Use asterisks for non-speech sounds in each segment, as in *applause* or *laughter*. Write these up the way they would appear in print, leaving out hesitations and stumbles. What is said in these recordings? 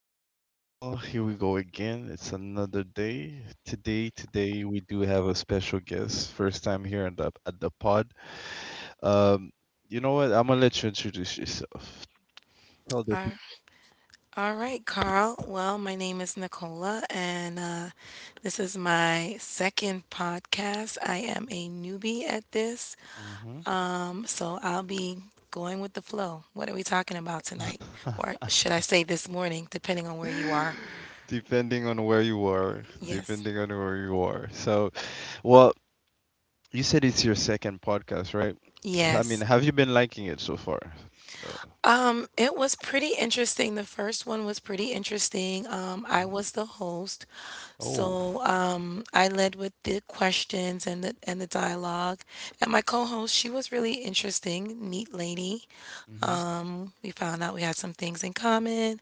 boy Call. Here we go again. It's another day. Today we do have a special guest. First time here at the pod. Um, you know what? I'm gonna let you introduce yourself. Tell the Ar- All right, Carl. Well, my name is Nicola, and this is my second podcast. I am a newbie at this. people. So I'll be going with the flow. What are we talking about tonight? Or should I say this morning, depending on where you Hmm *laughs* are? Depending on where you are, Yes. depending on where you are. So, well, you said it's your second podcast, right? I mean, Yes. have you been liking it so far? No. It was pretty interesting. The first one was pretty interesting. I Mhm. was the host, Oh. so I led with the questions and the dialogue. And my co-host, she was really interesting, neat lady. hmm We found out we had some things in common,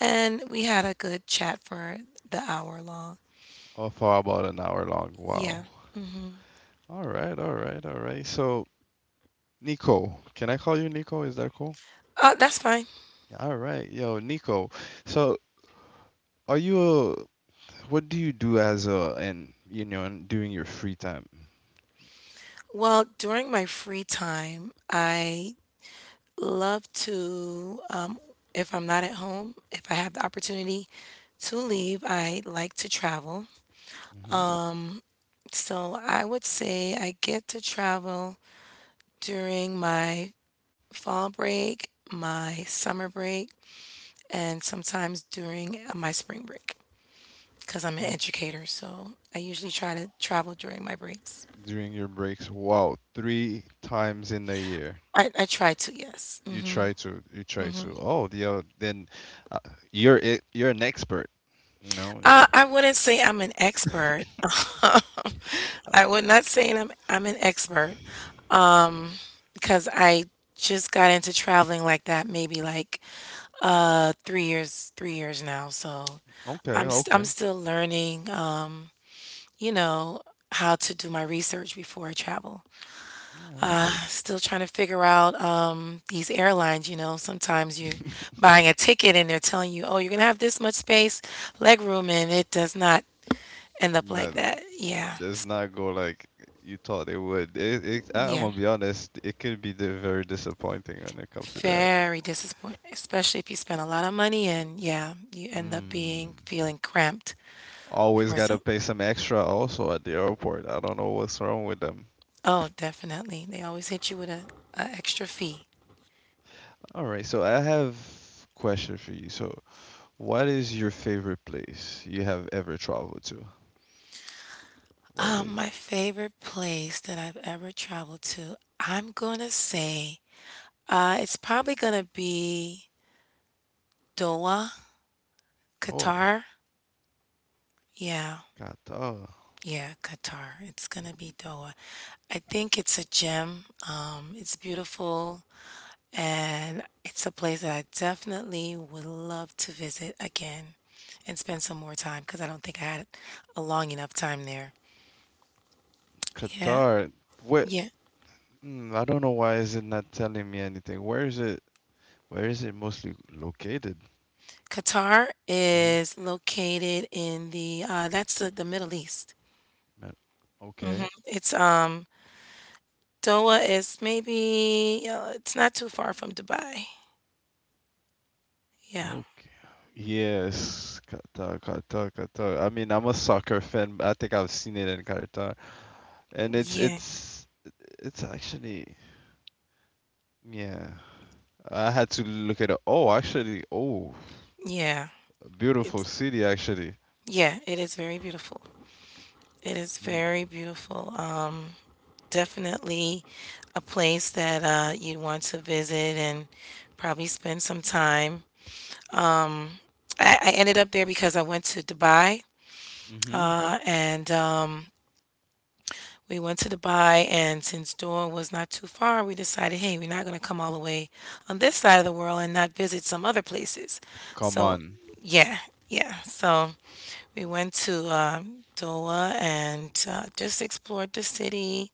and we had a good chat for the hour long. Oh, for about an hour long. Yeah. Wow. All right, all right, all right. So, Nico, can I call you Nico? Is that cool? That's fine. Yeah, all right, yo, Nico. So, are you a, what do you do and you know, and during your free time? Well, during my free time, I love to, if I'm not at home, if I have the opportunity to leave, I like to travel. Hmm So I would say I get to travel during my fall break, my summer break, and sometimes during my spring break because I'm an educator. So I usually try to travel during my breaks. During your breaks? Wow, three times in a year. I try to, yes. You try to, you try to. Oh, yeah, then uh, you're an expert, you know. I wouldn't say I'm an expert. *laughs* *laughs* Uh, I would not say I'm an expert, um, because I just got into traveling like that maybe like 3 years 3 years now. So Okay, I'm okay. still learning, you know, how to do my research before I travel. All right. Still trying to figure out these airlines. You know, sometimes you buying a ticket and they're telling you, oh, you're gonna have this much space, leg room, and it does not end *laughs* up like No, that. Yeah. does S- not go like you thought it would. I'm Yeah. gonna be honest, it could be the very disappointing when it comes to that. Very disappointing, especially if you spend a lot of money and yeah, you end up being Mm. feeling cramped Always for gotta some. pay some extra also at the airport. I don't know what's wrong with them. Oh, definitely. They always hit you with a extra fee. All right, so I have question for you. So, what is your favorite place you have ever traveled to? What was My favorite place that I've ever traveled to, I'm gonna say, it's probably gonna be Doha, it? Oh, Qatar. Yeah, Qatar. yeah, Qatar. It's gonna be Doha. I think it's a gem. It's beautiful, and it's a place that I definitely would love to visit again and spend some more time because I don't think I had a long enough time there. Yeah, Qatar. What? yeah. Hmm, I don't know why is it not telling me anything. Where is it? Where is it mostly located? Qatar is located in the that's the Middle East. Man, okay. It's Doha is maybe it's not too far from Dubai. Yeah, Okay. Yes, Qatar, Qatar, Qatar. I mean, I'm a soccer fan, but I think I've seen it in Qatar, and it's yeah, it's it's actually yeah. I had to look at it. Oh, actually, oh, yeah. beautiful It's city actually. yeah, it is very beautiful. It is Mm. very beautiful. Definitely a place that you'd want to visit and probably spend some time. I ended up there because I went to Dubai Mm-hmm. And we went to Dubai, and since Doha was not too far, we decided, hey, we're not going to come all the way on this side of the world and not visit some other places. Come So, on. yeah, yeah. So we went to Doha and just explored the city,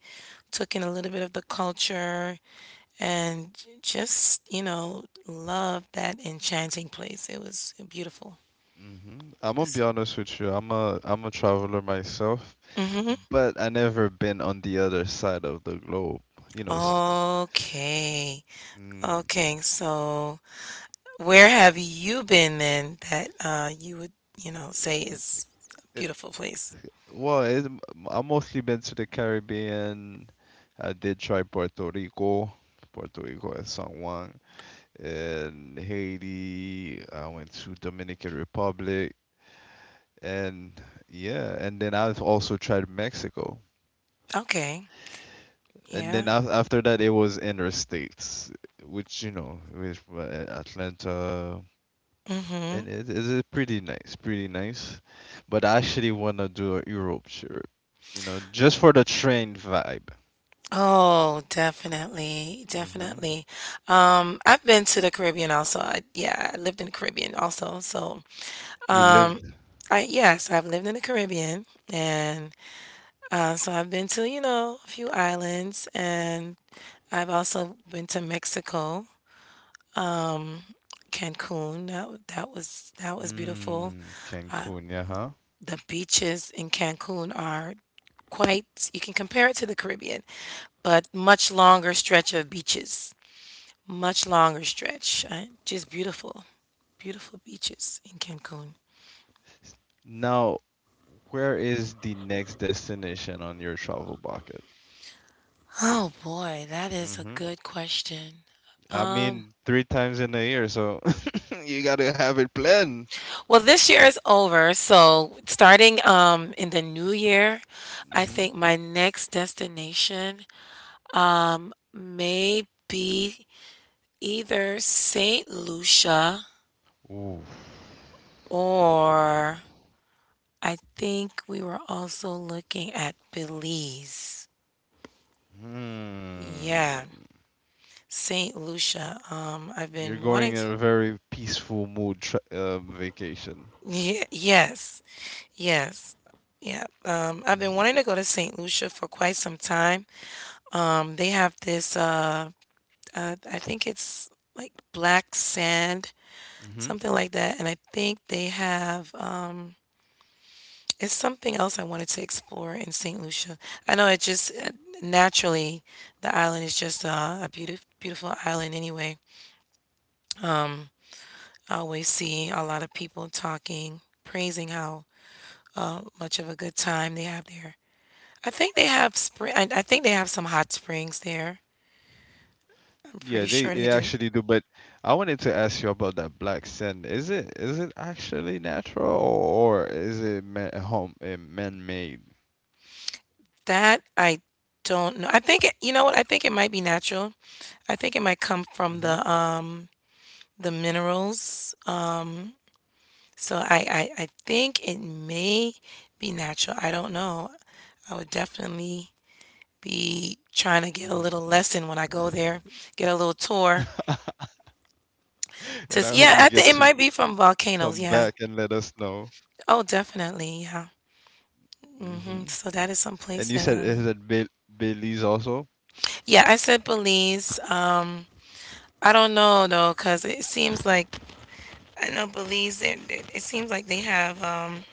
took in a little bit of the culture, and just, you know, loved that enchanting place. It was beautiful. Hmm I'm gonna be honest with you. I'm a traveler myself, Hmm. but I never been on the other side of the globe. You know. S- Okay. Mm. Okay, so where have you been then that you would, you know, say is a beautiful place? Well, it, I've mostly been to the Caribbean. I did try Puerto Rico, Puerto Rico and San Juan, and Haiti. I went to Dominican Republic, and yeah, and then I've also tried Mexico. Okay. And then Yeah. After that, it was interstates, which you know, which were Atlanta, Mm-hmm. and it is pretty nice, pretty nice. But I actually want to do a Europe trip, you know, just for the train vibe. Oh, definitely, Hmm definitely. I've been to the Caribbean also. I, yeah, I lived in the Caribbean also. So, You lived um, I yes, I've lived in the Caribbean, and so I've been to, you know, a few islands, and I've also been to Mexico, Cancun. That was that was beautiful. mm, Cancun, yeah, huh? The beaches in Cancun are quite, you can compare it to the Caribbean, but much longer stretch of beaches. Much longer stretch. Just beautiful. Beautiful beaches in Cancun. S- Now, where is the next destination on your travel bucket? Oh boy, that is a Hmm good question. I Um, mean, three times in a year, so *laughs* you gotta have it planned. well, this year is over, so starting in the new year, I Hmm think my next destination may be either Saint Lucia, Ooh. or I think we were also looking at Belize. Hmm. Yeah, Saint Lucia. I've You're been going wanting to, in a very peaceful mood vacation. yeah, yes, yes. Yeah, I've been wanting to go to Saint Lucia for quite some time. They have this I think it's like black sand, Mm-hmm. something like that, and I think they have it's something else I wanted to explore in St. Lucia. I know it just naturally, the island is just a beautiful, beautiful island anyway. Um, I always see a lot of people talking, praising how much of a good time they have there. I think they have spring. I think they have some hot springs there. I'm pretty Yeah, sure they they do. actually do. But I wanted to ask you about that black sand. Is it actually natural, or is it ma home man-made? That I don't know. I think it, you know what? I think it might be natural. I think it might come Hmm from the minerals. So I think it may be natural. I don't know. I would definitely be trying to hmm get a little lesson when I go there, get a little tour. *laughs* And I Just hope you yeah, I get think it to might be from volcanoes. come Yeah. back and let us know. Oh, definitely. Yeah. Hmm. Hmm So that is some place And you that said I. is it Be Belize also? Yeah, I said Belize. I don't know though, cause it seems like I know Belize. It seems like they have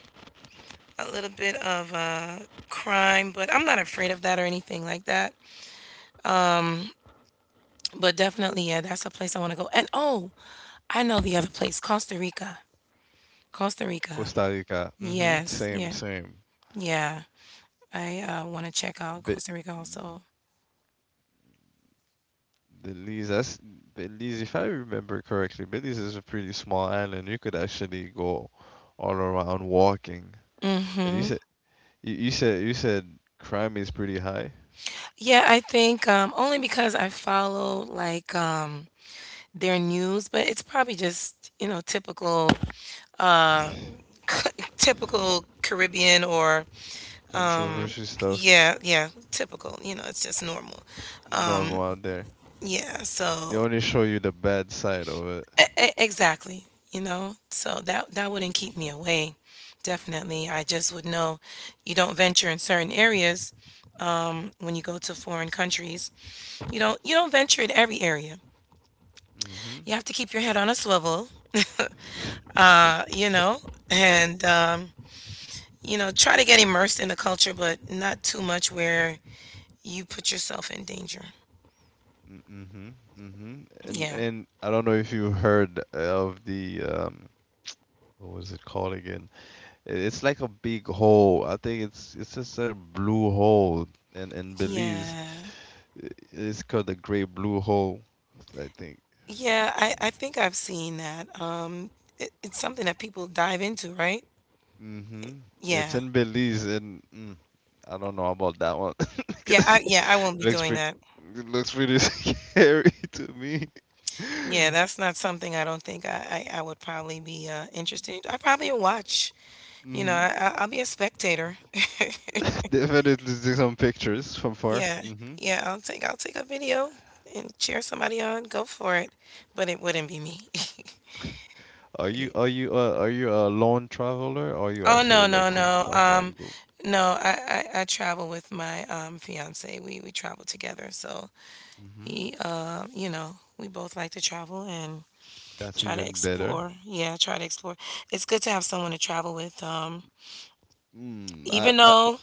a little bit of crime, but I'm not afraid of that or anything like that. But definitely, yeah, that's a place I want to go. And oh, I know the other place, Costa Rica. Costa Rica. Costa Rica. Hmm Yes, Same, yeah, same. yeah. I want to check out Be Costa Rica also. Belize. That's Belize. If I remember correctly, Belize is a pretty small island. You could actually go all around walking. And you Mm-hmm. said you said crime is pretty high. Yeah, I think only because I follow like their news, but it's probably just you know typical, uh, *laughs* typical Caribbean or Controversy stuff yeah, yeah, typical. You know, it's just normal. normal out there. Yeah, They so only show you the bad side of it. E e exactly, you know? So that that wouldn't keep me away, definitely. I just would know you don't venture in certain areas when you go to foreign countries. You don't venture in every area. You Mhm. have to keep your head on a swivel, *laughs* you know, and you know, try to get immersed in the culture, but not too much where you put yourself in danger. Mm. Mhm. Mhm. Yeah. And I don't know if you heard of the, what was it called again? It's like a big hole. I think it's just a blue hole. And in Belize, Yeah. It's called the Great Blue Hole, I think. Yeah, I think I've seen that. It, it's something that people dive into, right? Hmm It's Yeah. in Belize, and mm, I don't know about that one. *laughs* 'Cause Yeah, I won't be looks doing pretty, that. it looks pretty *laughs* scary to me. Yeah, that's not something I don't think I would probably be interested in. I probably will watch. You know, Hmm I'll be a spectator. *laughs* *laughs* Definitely take some pictures from far. Yeah, Hmm yeah, I'll take a video and cheer somebody on. Go for it, but it wouldn't be me. *laughs* Are you a lone traveler, or you Oh actually no, like no, to no. travel in group? No, I travel with my fiance. We travel together. So Hmm he you know, we both like to travel and That's try to even better. explore. Yeah, try to explore. It's good to have someone to travel with. Mm, Even though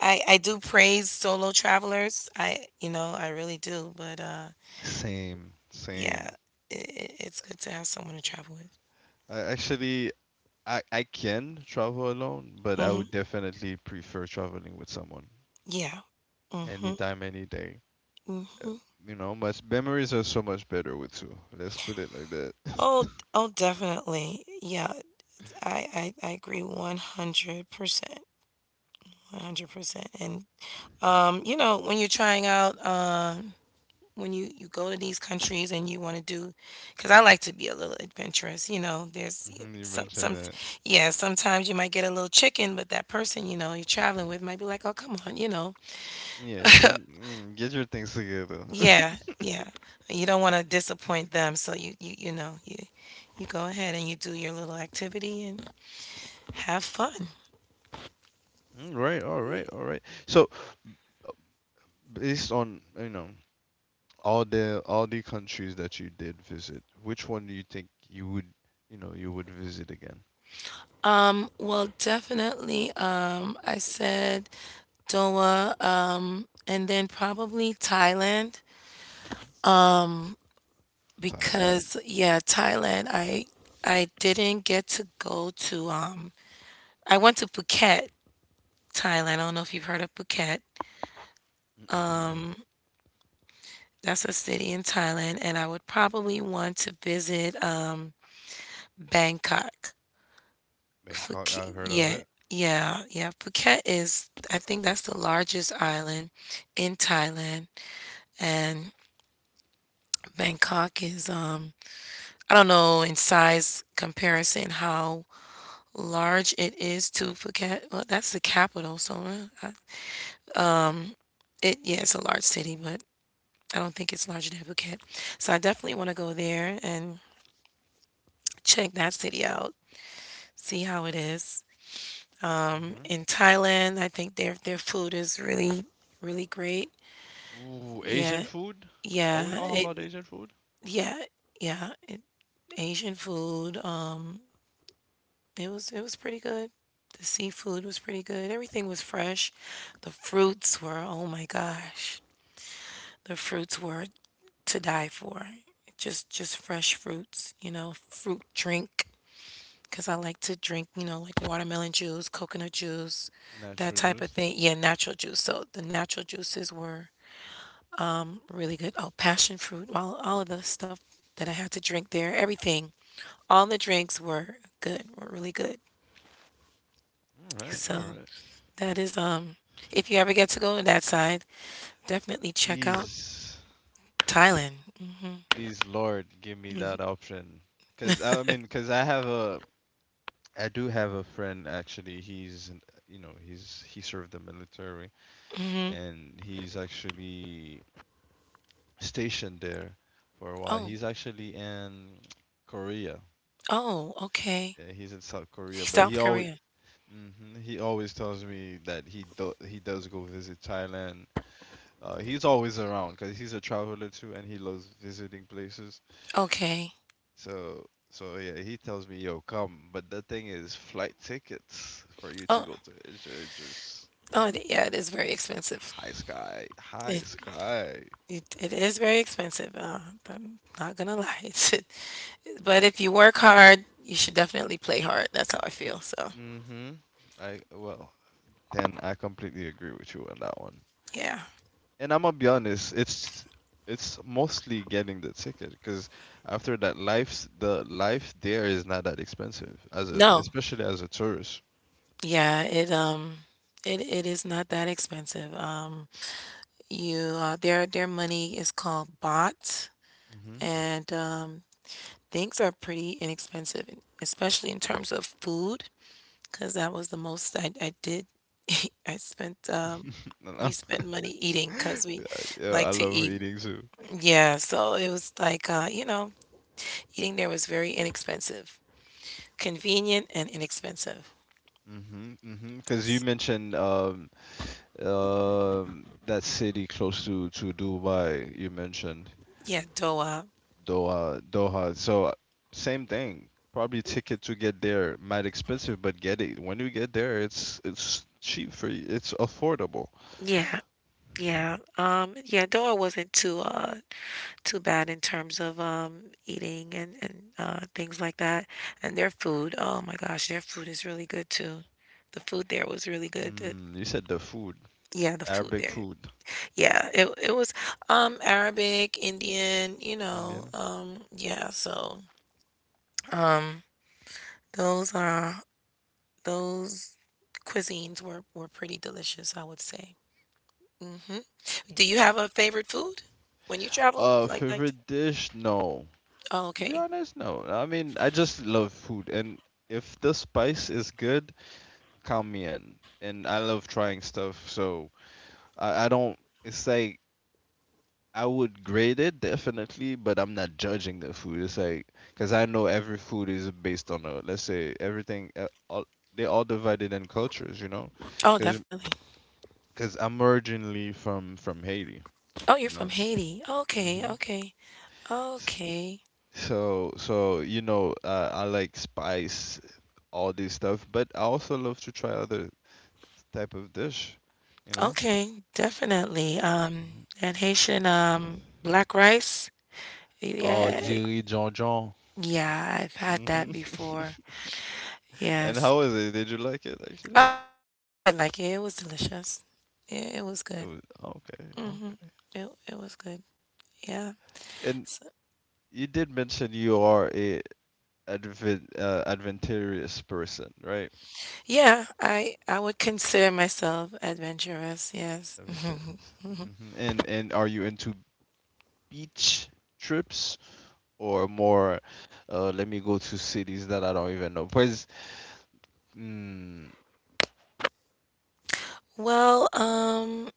I do praise solo travelers, I you know I really do. But same, yeah, same. it, it's good to have someone to travel with. I actually I can travel alone, but I Hmm. would definitely prefer traveling with someone Yeah. Hmm. anytime, any day. Hmm. You know, much memories are so much better with two. Let's put it like that. Oh, *laughs* d- oh, definitely. Yeah, I agree 100%, 100%. And you know, when you're trying out when you go to these countries and you want to do because I like to be a little adventurous you know there's Mhm. You mentioned some that. yeah sometimes you might get a little chicken but that person you know you're traveling with might be like oh come on you know Yeah, get mm, get your things together. *laughs* yeah yeah you don't want to disappoint them so you know you you go ahead and you do your little activity and have fun. Mm. Right, all right, all right. So, uh, based on, you know, all the countries that you did visit, which one do you think you would, you know, you would visit again? Well definitely I said doha and then probably thailand Thailand. because yeah, Thailand, I didn't get to go to I went to Phuket, Thailand. I don't know if you've heard of Phuket. Mm-mm-mm. That's a city in Thailand, and I would probably want to visit Bangkok. Bangkok, Phuket, I've heard of yeah, yeah, yeah. Phuket is, I think that's the largest island in Thailand, and Bangkok is I don't know in size comparison how large it is to Phuket. Well, that's the capital, so it yeah, it's a large city, but I don't think it's larger than Phuket. So I definitely want to go there and check that city out, see how it is. It. In Thailand, I think their food is really really great. Ooh, Asian Yeah, food? Are we yeah, talking it about Asian food? yeah yeah it, Asian food. It was pretty good. The seafood was pretty good. Everything was fresh. The fruits were, oh my gosh. The fruits were to die for. Just fresh fruits, you know, fruit drink because I like to drink, you know, like watermelon juice, coconut juice, that Natural type of juice. thing. Yeah, natural juice. So the natural juices were really good. Oh, passion fruit, all of the stuff that I had to drink there, everything. All the drinks were good, were really good. All right, all So right. that is if you ever get to go to that side, definitely check out Please, Thailand. please, Lord, give me that option. Cause I mean, cause I do have a friend actually. You know, he served the military and he's actually stationed there for a while. Oh, He's actually in Korea. oh, okay. Yeah, he's in South Korea, but he South always, Korea. hmm he always tells me that he does go visit Thailand. He's always around because he's a traveler too, and he loves visiting places. Okay. So, so yeah, he tells me, "Yo, come." But the thing is, flight tickets for you to Oh, go to Asia is just yeah. It is very expensive. high sky, high It sky. it is very expensive. I'm not gonna lie. *laughs* But if you work hard, you should definitely play hard. That's how I feel. So Mm-hmm. I well, then I completely agree with you on that one. yeah. And I'm gonna be honest, it's mostly getting the ticket because after that, life there is not that expensive No. especially as a tourist. Yeah. It is not that expensive. You their money is called baht, and things are pretty inexpensive, especially in terms of food. 'Cause that was the most I did. *laughs* I spent, um *laughs* No, we no. spent money eating cause we *laughs* Yeah, like I to love eat. eating too. Yeah, so it was like, eating there was very inexpensive, convenient and inexpensive. Mm-hmm, mm-hmm. Because you S mentioned that city close to Dubai, you mentioned Yeah, DOA. Doha, Doha. So same thing. Probably ticket to get there might expensive, but get it when you get there, it's cheap for you. It's affordable. Yeah, yeah, yeah, DOA wasn't too, too bad in terms of, eating and things like that. And their food, oh my gosh, their food is really good too. The food there was really good, the Mm, you said the food, yeah, the food Arabic there food, yeah, it was, Arabic, Indian, Indian. Yeah, so, um, those are those cuisines were pretty delicious, I would say. Mhm. Do you have a favorite food when you travel? Favorite dish? No, Oh, to be okay. honest, no. I mean, I just love food, and if the spice is good, count me in. And I love trying stuff, so I don't. It's like I would grade it definitely, but I'm not judging the food. It's like because I know every food is based on a let's say everything. They all divided in cultures, you know, Oh, because definitely. because I'm originally from Haiti, Oh, you you're from know. Haiti. Okay, Hmm okay. Okay. so, so you know, I like spice, all this stuff, but I also love to try other type of dish, you know? Okay, definitely. Mhm. And Haitian, black rice. Oh, Yeah, Jiri John John. yeah, I've had Hmm that before. *laughs* And Yes. how was it? Did you like it actually? Yeah, I did like it. It was delicious. Yeah, it was It good. was okay, Hmm. okay. It was good. Yeah. And So, you did mention you are a adventurous person, right? yeah, I would consider myself adventurous. Yes. *laughs* Adventurous. Hmm and are you into beach trips or more uh, let me go to cities that I don't even know? Because Well,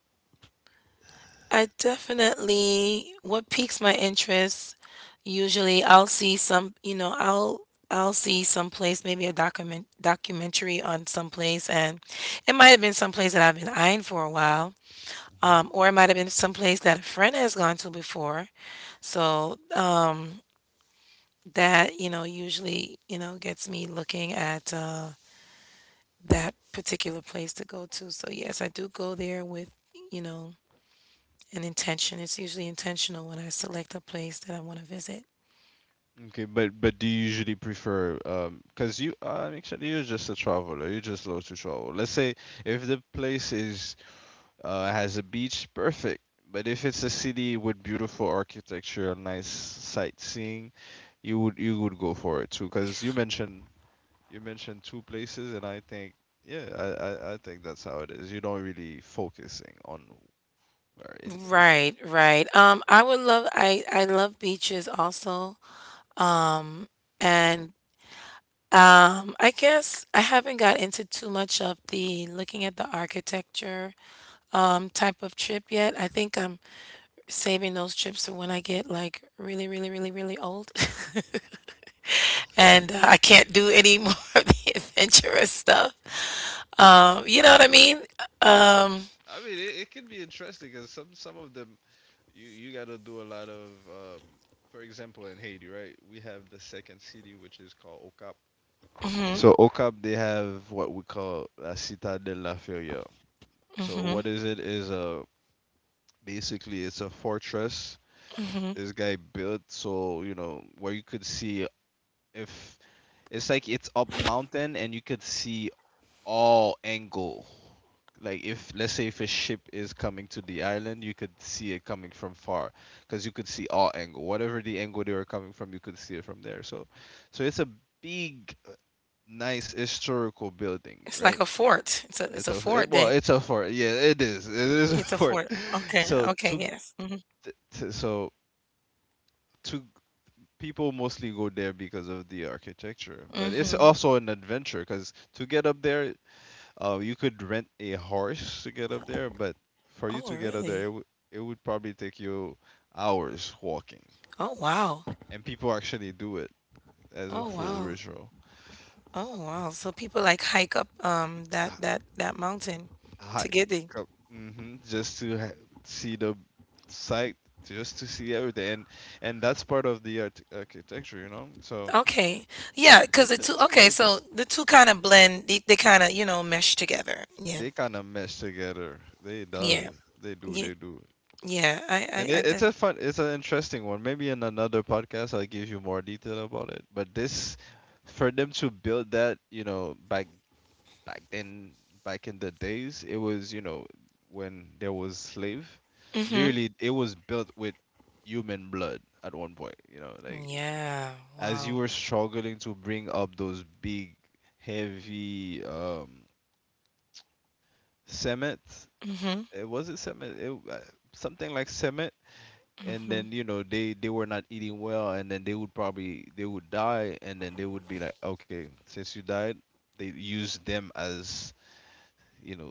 I definitely what piques my interest. Usually, I'll see some. I'll see some place, maybe a documentary on some place, and it might have been some place that I've been eyeing for a while, or it might have been someplace that a friend has gone to before. So, that usually gets me looking at, that particular place to go to. So yes, I do go there with, you know an intention. It's usually intentional when I select a place that I want to visit. okay, but do you usually prefer because you actually you're just a traveler, you just love to travel. Let's say if the place is uh, has a beach, perfect. But if it's a city with beautiful architecture, nice sightseeing, you would go for it too. Because you mentioned two places, and I think yeah, I think that's how it is. You don't really focusing on where it Right, right. I love beaches also. Um, and I guess I haven't got into too much of the looking at the architecture type of trip yet. I think I'm saving those trips for when I get like really, really, really, really old. *laughs* And I can't do any more *laughs* of the adventurous stuff. You know what I mean? hmm I mean, it can be interesting because some of them, you gotta do a lot of. For example, in Haiti, right? We have the second city, which is called Okap. Hmm. So Okap, they have what we call La Citadelle de la Feria. So what is it? Is a basically it's a fortress this guy built so you know where you could see if it's like it's up mountain and you could see all angle. Like if let's say if a ship is coming to the island, you could see it coming from far because you could see all angle. Whatever the angle they were coming from, you could see it from there. So, so it's a big, nice historical building, It's like right? a fort. It's It's a a it, fort well, then. it's a fort. Yeah, It's it a is. It fort. is a Okay. fort. Okay. *laughs* Yes. So Hmm. two, t- so two people mostly go there because of the architecture, but it's Hmm. also an adventure because to get up there, you could rent a horse to get up there, but for you Oh, to get up there, really? It would probably take you hours walking. Oh, wow. And people actually do it as a Oh, full wow. ritual. Oh, wow. So people like hike up that mountain Hi, to get there. mm-hmm, just to see the site, just to see everything, and that's part of the architecture, you know. So Okay. Yeah, because it's okay, included. so the two kind of blend, they kind of, mesh together. Yeah. They kind of mesh together. They Yeah. does. They do. Yeah. They do. Yeah. And it's a fun, it's an interesting one. Maybe in another podcast, I'll give you more detail about it. But this, for them to build that, you know, back back then, back in the days, it was, you know, when there was slave, Mhm. literally, it was built with human blood at one point. You know, like Yeah. as you Wow. were struggling to bring up those big, heavy cement. Mhm. It was it cement. It Something like cement. And then Mhm. They were not eating well, and then they would die, and then they would be like, okay, since you died, they use them as you know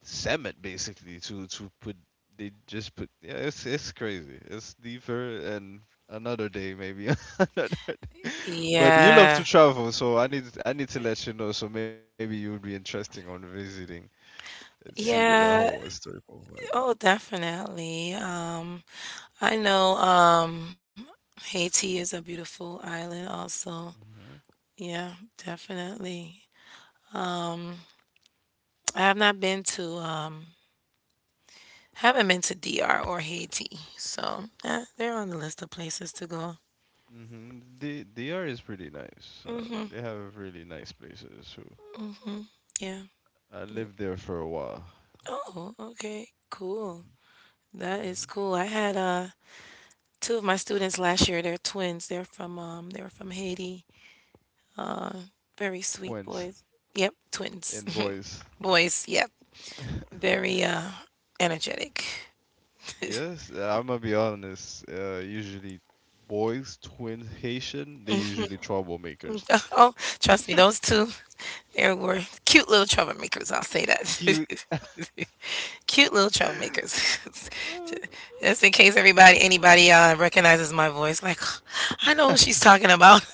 cement, basically, to put. They just put. Yeah, it's crazy. It's deeper, and another day maybe *laughs* another day. But you love to Yeah. travel, so I need to let you know, so maybe you would be interesting on visiting and see the whole Yeah. historical Oh, definitely. I know, Haiti is a beautiful island also. vibe. Yeah, definitely. Um, I have not been to, Haven't been to DR or Haiti, so they're on the list of places to go. The DR is pretty nice. They have really nice places. So Yeah. I Mm. lived there for a while. Oh, okay. Cool. That Mm-hmm. is cool. I had two of my students last year. They're twins. They were from Haiti. Very sweet Quince boys. Yep, twins. and boys. *laughs* Boys, yep. *laughs* Very energetic. Yes, I'm gonna be honest. Usually, boys, twins, Haitian, they usually troublemakers. *laughs* Oh, trust me, those two, they were cute little troublemakers. I'll say that. Cute. *laughs* Cute little *laughs* troublemakers. *laughs* Just in case everybody, anybody recognizes my voice, like, *sighs* I know who she's talking about.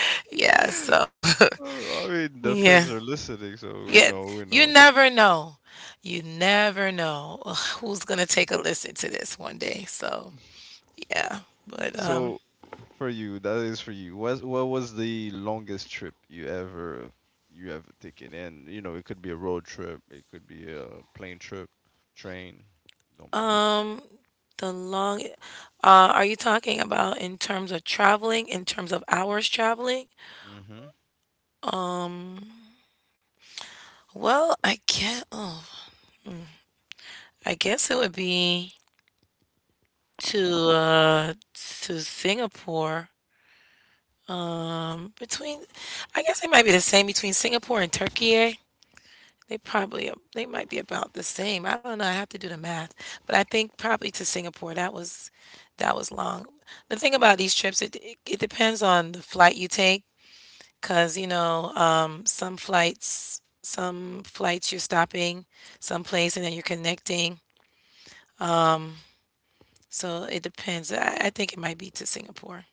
*laughs* Yeah, so, Oh, I mean, *laughs* the yeah. feds are listening, so we Yeah, know, we you know. never know. You never know *sighs* who's going to take a listen to this one day. So, yeah. But, So for you, that is for you. What was the longest trip you ever taken? And you know, it could be a road trip, it could be a plane trip, train, don't Um, the long, are you talking about in terms of traveling, in terms of hours traveling? matter. Mm-hmm. Well, I can't. Oh, I guess it would be to, to Singapore. Um, between, I guess it might be the same between Singapore and Turkey. Eh? They might be about the same. I don't know. I have to do the math, but I think probably to Singapore. That was long. The thing about these trips, it depends on the flight you take. Because, some flights you're stopping someplace and then you're connecting. So it depends. I think it might be to Singapore.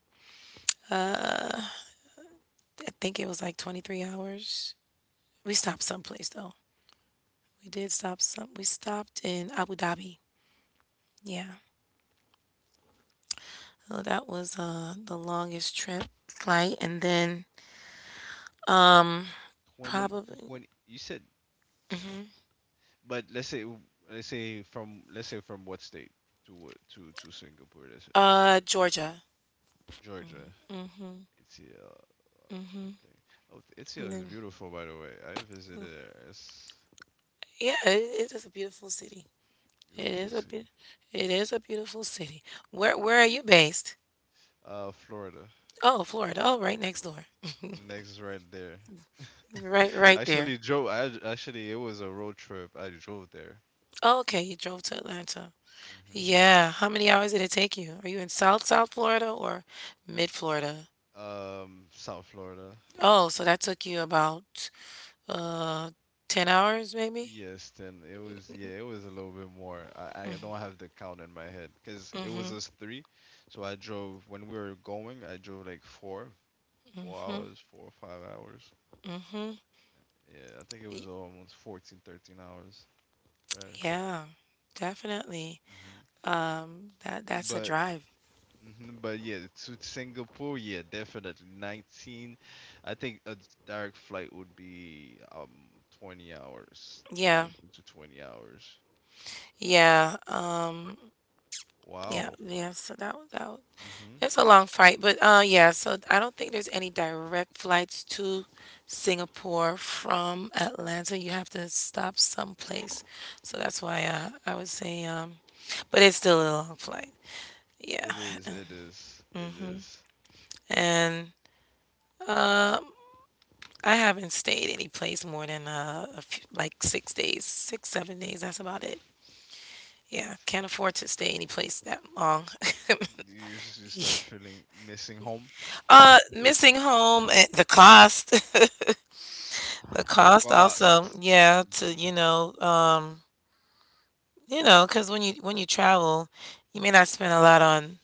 I think it was like 23 hours. We stopped someplace though. We did stop some. We stopped in Abu Dhabi. Yeah. So that was, the longest trip flight. And then 20, probably, 20. You said, but let's say from what state to what to Singapore? Let's put Georgia. Georgia. It's okay. Oh, it's here And is then, beautiful, by the way. I visited it. It's yeah, it is a beautiful city. It beautiful is a city. be- it is a beautiful city. Where are you based? Florida. Oh, Florida. Oh, right next door. Next, right there. Right, *laughs* right there. Actually, drove. I actually It was a road trip. I drove there. Oh, okay, you drove to Atlanta. Yeah. How many hours did it take you? Are you in South Florida or mid Florida? South Florida. Oh, so that took you about uh 10 hours maybe? Yes, then it was. Yeah, it was a little bit more. I don't have the count in my head because it was us three. So I drove when we were going. I drove like 4 hours, 4 or 5 hours. Yeah, I think it was Y- almost 14, 13 hours drive. Yeah, definitely. hmm That's a But drive. but yeah, to Singapore, yeah, definitely 19. I think a direct flight would be 20 hours, to Yeah. 19 to 20 hours. Yeah. Yeah, Wow. yeah, so that that Mm-hmm. it's a long flight, but, yeah, so I don't think there's any direct flights to Singapore from Atlanta. You have to stop someplace. So that's why, I would say, but it's still a long flight. Yeah. It is, it is, it is. And, um, I haven't stayed any place more than, a few, like 6 days, six, 7 days. That's about it. Yeah, can't afford to stay any place that long. *laughs* You start feeling missing home. Missing home, the cost. *laughs* The The cost cost. also, yeah, to, Mm-hmm. you know, because when you travel, you may not spend a lot on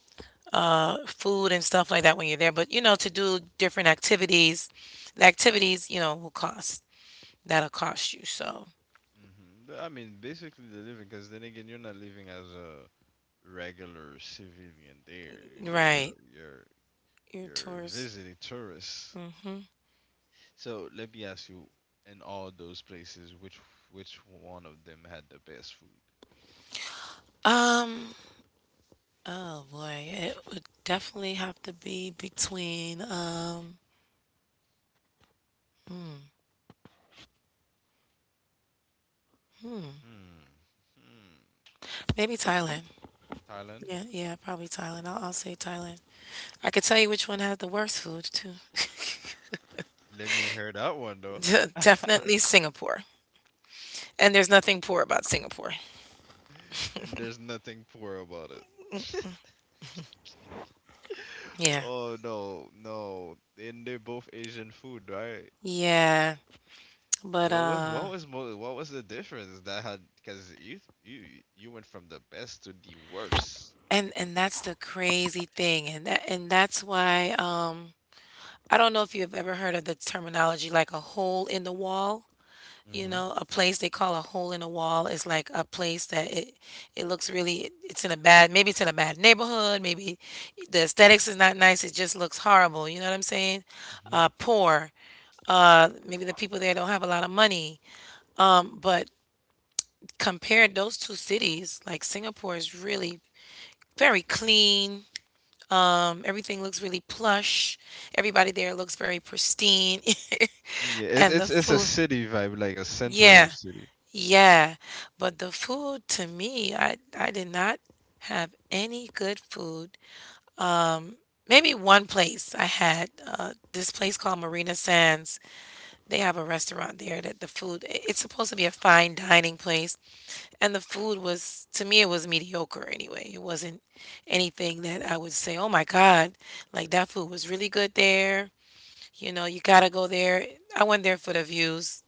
food and stuff like that when you're there, but, to do different activities, the activities, will cost. That'll cost you. So, Mm-hmm. I mean, basically the living, because then again, you're not living as a regular civilian there. You know, right. you're you're Your you're tours. visiting tourists. Mhm. So let me ask you, in all those places, which one of them had the best food? Um, oh boy, it would definitely have to be between, Hmm. maybe Thailand. Hmm. Thailand. Yeah, yeah, probably Thailand. I'll say Thailand. I could tell you which one has the worst food too. Let me hear that one though. *laughs* Definitely Singapore. And there's nothing poor about Singapore. And there's nothing poor about it. *laughs* Yeah. Oh, no, no. And they're both Asian food, right? Yeah. But, What was what was mo what was the difference that had because you went from the best to the worst. and that's the crazy thing, and that's why, I don't know if you've ever heard of the terminology like a hole in the wall. Mm-hmm. A place they call a hole in the wall is like a place that it looks really, it's in a bad maybe it's in a bad neighborhood, maybe the aesthetics is not nice, it just looks horrible, you know what I'm saying? Poor. Maybe the people there don't have a lot of money. But compared those two cities, like Singapore is really very clean. Everything looks really plush. Everybody there looks very pristine. *laughs* Mm-hmm. Yeah, it's And the it's it's a food, city vibe, like a center yeah, of city, yeah. But the food to me, I did not have any good food. Maybe one place I had, this place called Marina Sands. They have a restaurant there that it's supposed to be a fine dining place, and the food, was to me, it was mediocre anyway. It wasn't anything that I would say, "Oh my God, like that food was really good there." You know, you gotta go there. I went there for the views.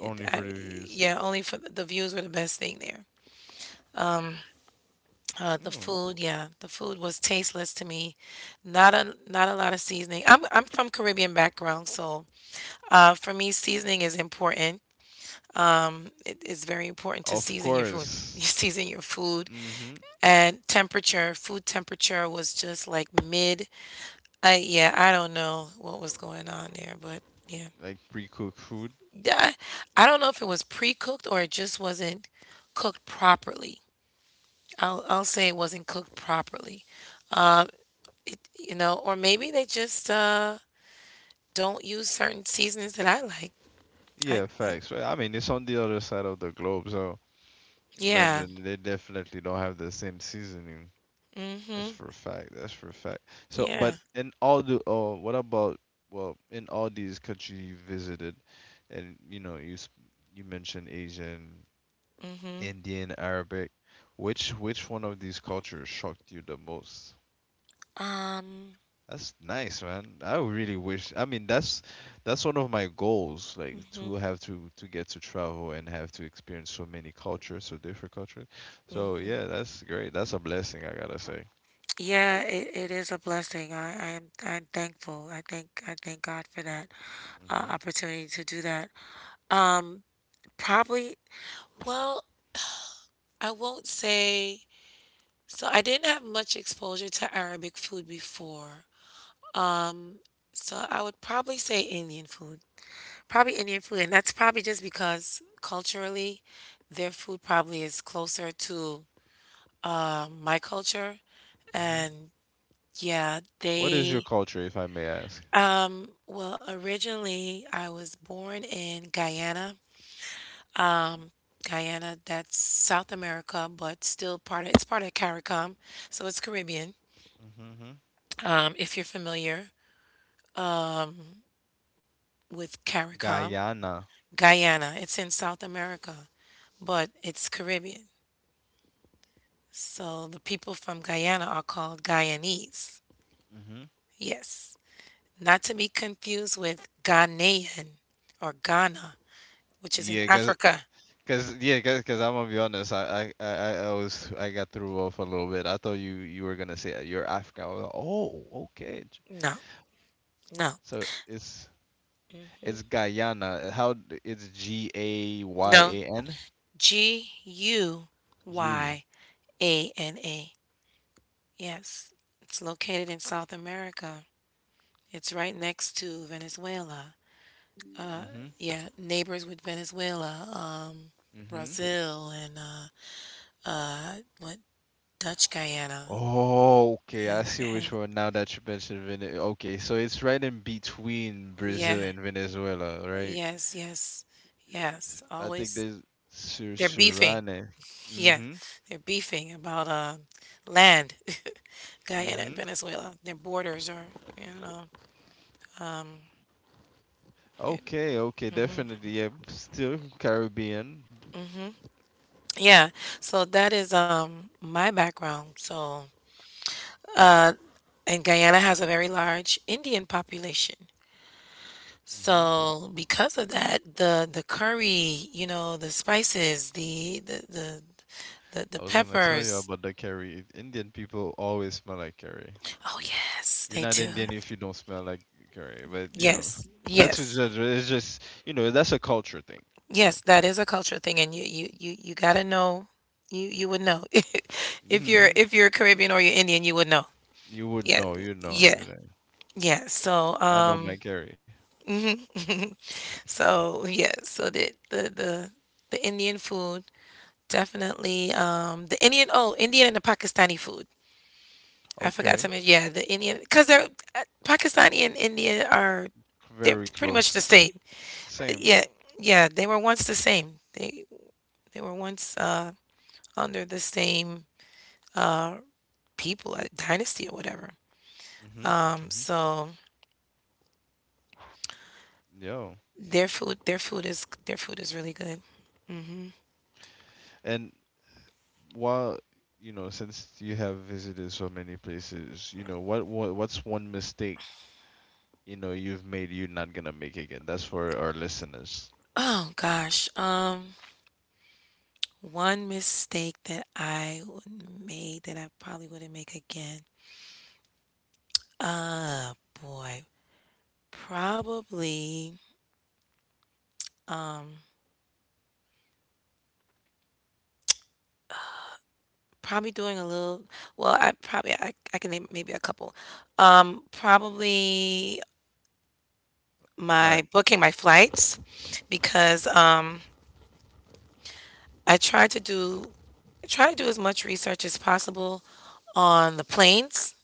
For the views. Yeah, only for the views were the best thing there. Yeah, the food was tasteless to me. Not a lot of seasoning. I'm from Caribbean background, so, for me seasoning is important. It is very important to Of season your food. *laughs* You course. season your food hmm and temperature. Food temperature was just like mid. I yeah, I don't know what was going on there, but yeah. Like pre-cooked food. Yeah, I don't know if it was pre-cooked or it just wasn't cooked properly. I'll say it wasn't cooked properly. Um, or maybe they just don't use certain seasonings that I like. I Yeah, facts. Right. I mean, it's on the other side of the globe, so yeah. imagine they definitely don't have the same seasoning. That's Hmm. for a fact. That's for a fact. So, but Yeah. Oh, what about, well, in all these countries you visited, and you know, you mentioned Asian, hmm Indian, Arabic. Which one of these cultures shocked you the most? Um. That's nice, man. I really wish. I mean, that's one of my goals, like to Mm-hmm. have to get to travel and have to experience so many cultures, so different cultures. So yeah, that's great. That's a blessing, I gotta say. Yeah, it is a blessing. I'm thankful. I thank God for that, Mhm. opportunity to do that. Um, probably. Well, I won't say. So I didn't have much exposure to Arabic food before. Um, so I would probably say Indian food. Probably Indian food, and that's probably just because culturally, their food probably is closer to, my culture, Mhm. and yeah, What is your they. culture, if I may ask? Well, originally I was born in Guyana. Guyana, that's South America, but still part of it's part of CARICOM, so it's Caribbean. Mhm. If you're familiar with CARICOM, Guyana. Guyana, it's in South America, but it's Caribbean. So the people from Guyana are called Guyanese. Mhm. Yes. Not to be confused with Ghanaian or Ghana, which is in Yeah, Africa. Yeah, cause I'm gonna be honest. I got threw off a little bit. I thought you were gonna say you're African. I was like, oh, okay. No, no, So it's Guyana. It's G A Y no. A N G U U. Y A N A. Yes, it's located in South America. It's right next to Venezuela. Uh, Mm-hmm. yeah, neighbors with Venezuela, Mm-hmm. Brazil, and what Dutch Guyana, Oh, okay. I and see and which one now that you mentioned Venezuela. Okay, so it's right in between Brazil yeah, and Venezuela, right? yes, yes, yes. I think Always there's they're beefing. Surane. Yeah, Mm-hmm. they're beefing about, land. *laughs* Guyana and Mm-hmm. Venezuela. Their borders are, you know. they're, Okay, okay, definitely. Yeah, still Caribbean. Yeah, so that is my background. Uh, and Guyana has a very large Indian population. Mm-hmm. So, because of that, the curry, you know, the spices, the I was gonna tell you peppers. about the curry. Indian people always smell like curry. Oh yes, You're they not do. Indian if you don't smell like curry, but Yes, *laughs* not to yes, judge. It's just, that's a culture thing. You yes. know, That is a culture thing, and you gotta know. You would know *laughs* if you're hmm if you're Caribbean or you're Indian, you would know. you would Yeah, know. You know, yeah, you know. yeah. So I know um. my curry. So yeah, so the Indian food definitely the Indian and the Pakistani food. I forgot to Okay, mention yeah the Indian because they're Pakistani and Indian are they're very pretty much the close. same. Same. Yeah yeah they were once the same. They were once under the same uh people, dynasty or whatever. Hmm. Hmm. So Yo, their food is really good. and while, since you have visited so many places, what's one mistake you've made you're not gonna make again? That's for our listeners. Oh gosh, one mistake that I made that I probably wouldn't make again. Uh, Boy. Probably, um, probably doing a little, well, I can name maybe a couple. Probably All My right, booking my flights because, I try to do as much research as possible on the planes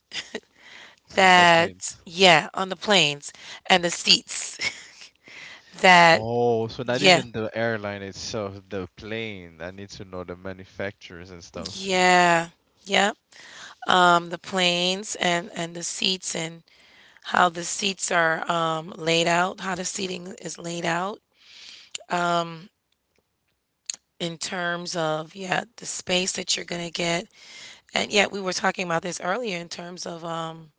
on the that, planes. yeah, on the planes and the seats *laughs* that, Oh, so not yeah. even the airline itself, the plane. I need to know the manufacturers and stuff. Yeah. Yep. The planes and the seats and how the seats are laid out, how the seating is laid out in terms of the space that you're gonna get. And yet we were talking about this earlier in terms of um,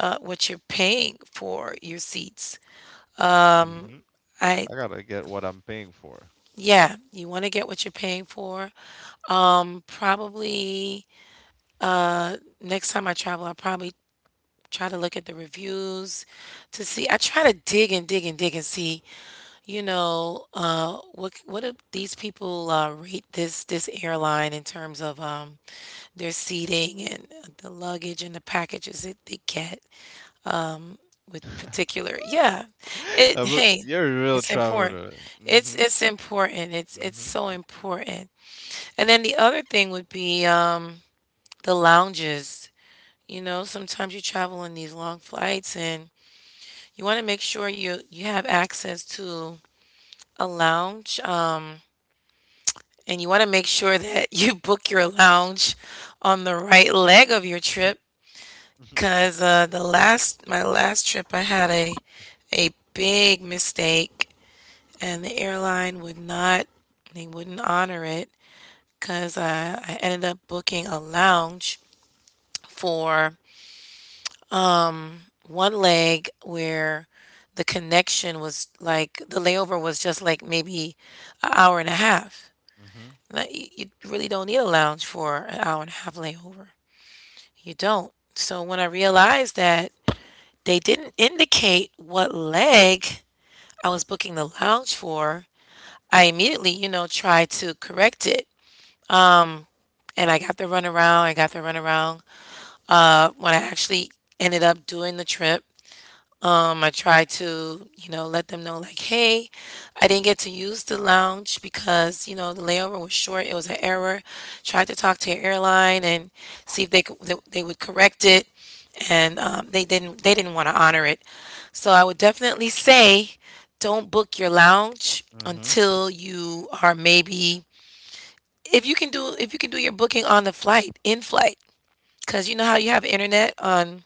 uh, what you're paying for your seats. hmm I I gotta get what I'm paying for. Yeah, you want to get what you're paying for. Probably uh, next time I travel, I probably try to look at the reviews to see I try to dig and dig and dig and see, you know, what do these people rate this airline in terms of their seating and the luggage and the packages that they get with particular. Yeah, *laughs* it But hey, you're a real it's important. traveler. It's Mm-hmm. it's important. It's Mm-hmm. so important. And then the other thing would be, the lounges. You know, sometimes you travel on these long flights, and you want to make sure you have access to a lounge, and you want to make sure that *laughs* you book your lounge on the right leg of your trip. *laughs* Cause the last my last trip, I had a big mistake, and the airline would not, they wouldn't honor it. Cause I ended up booking a lounge for one leg where the layover was just like maybe an hour and a half. Mm-hmm. Like, you really don't need a lounge for an hour and a half layover. You don't. So when I realized that they didn't indicate what leg I was booking the lounge for, I immediately, you know, tried to correct it. And I got the runaround. I got the runaround when I actually ended up doing the trip. I try to, you know, let them know like, hey, I didn't get to use the lounge because, you know, the layover was short. It was an error. Tried to talk to your airline and see if they would correct it. And they didn't want to honor it. So I would definitely say don't book your lounge Mm-hmm. until you are maybe, if you can do your booking on the flight, in flight. Cause you know how you have internet on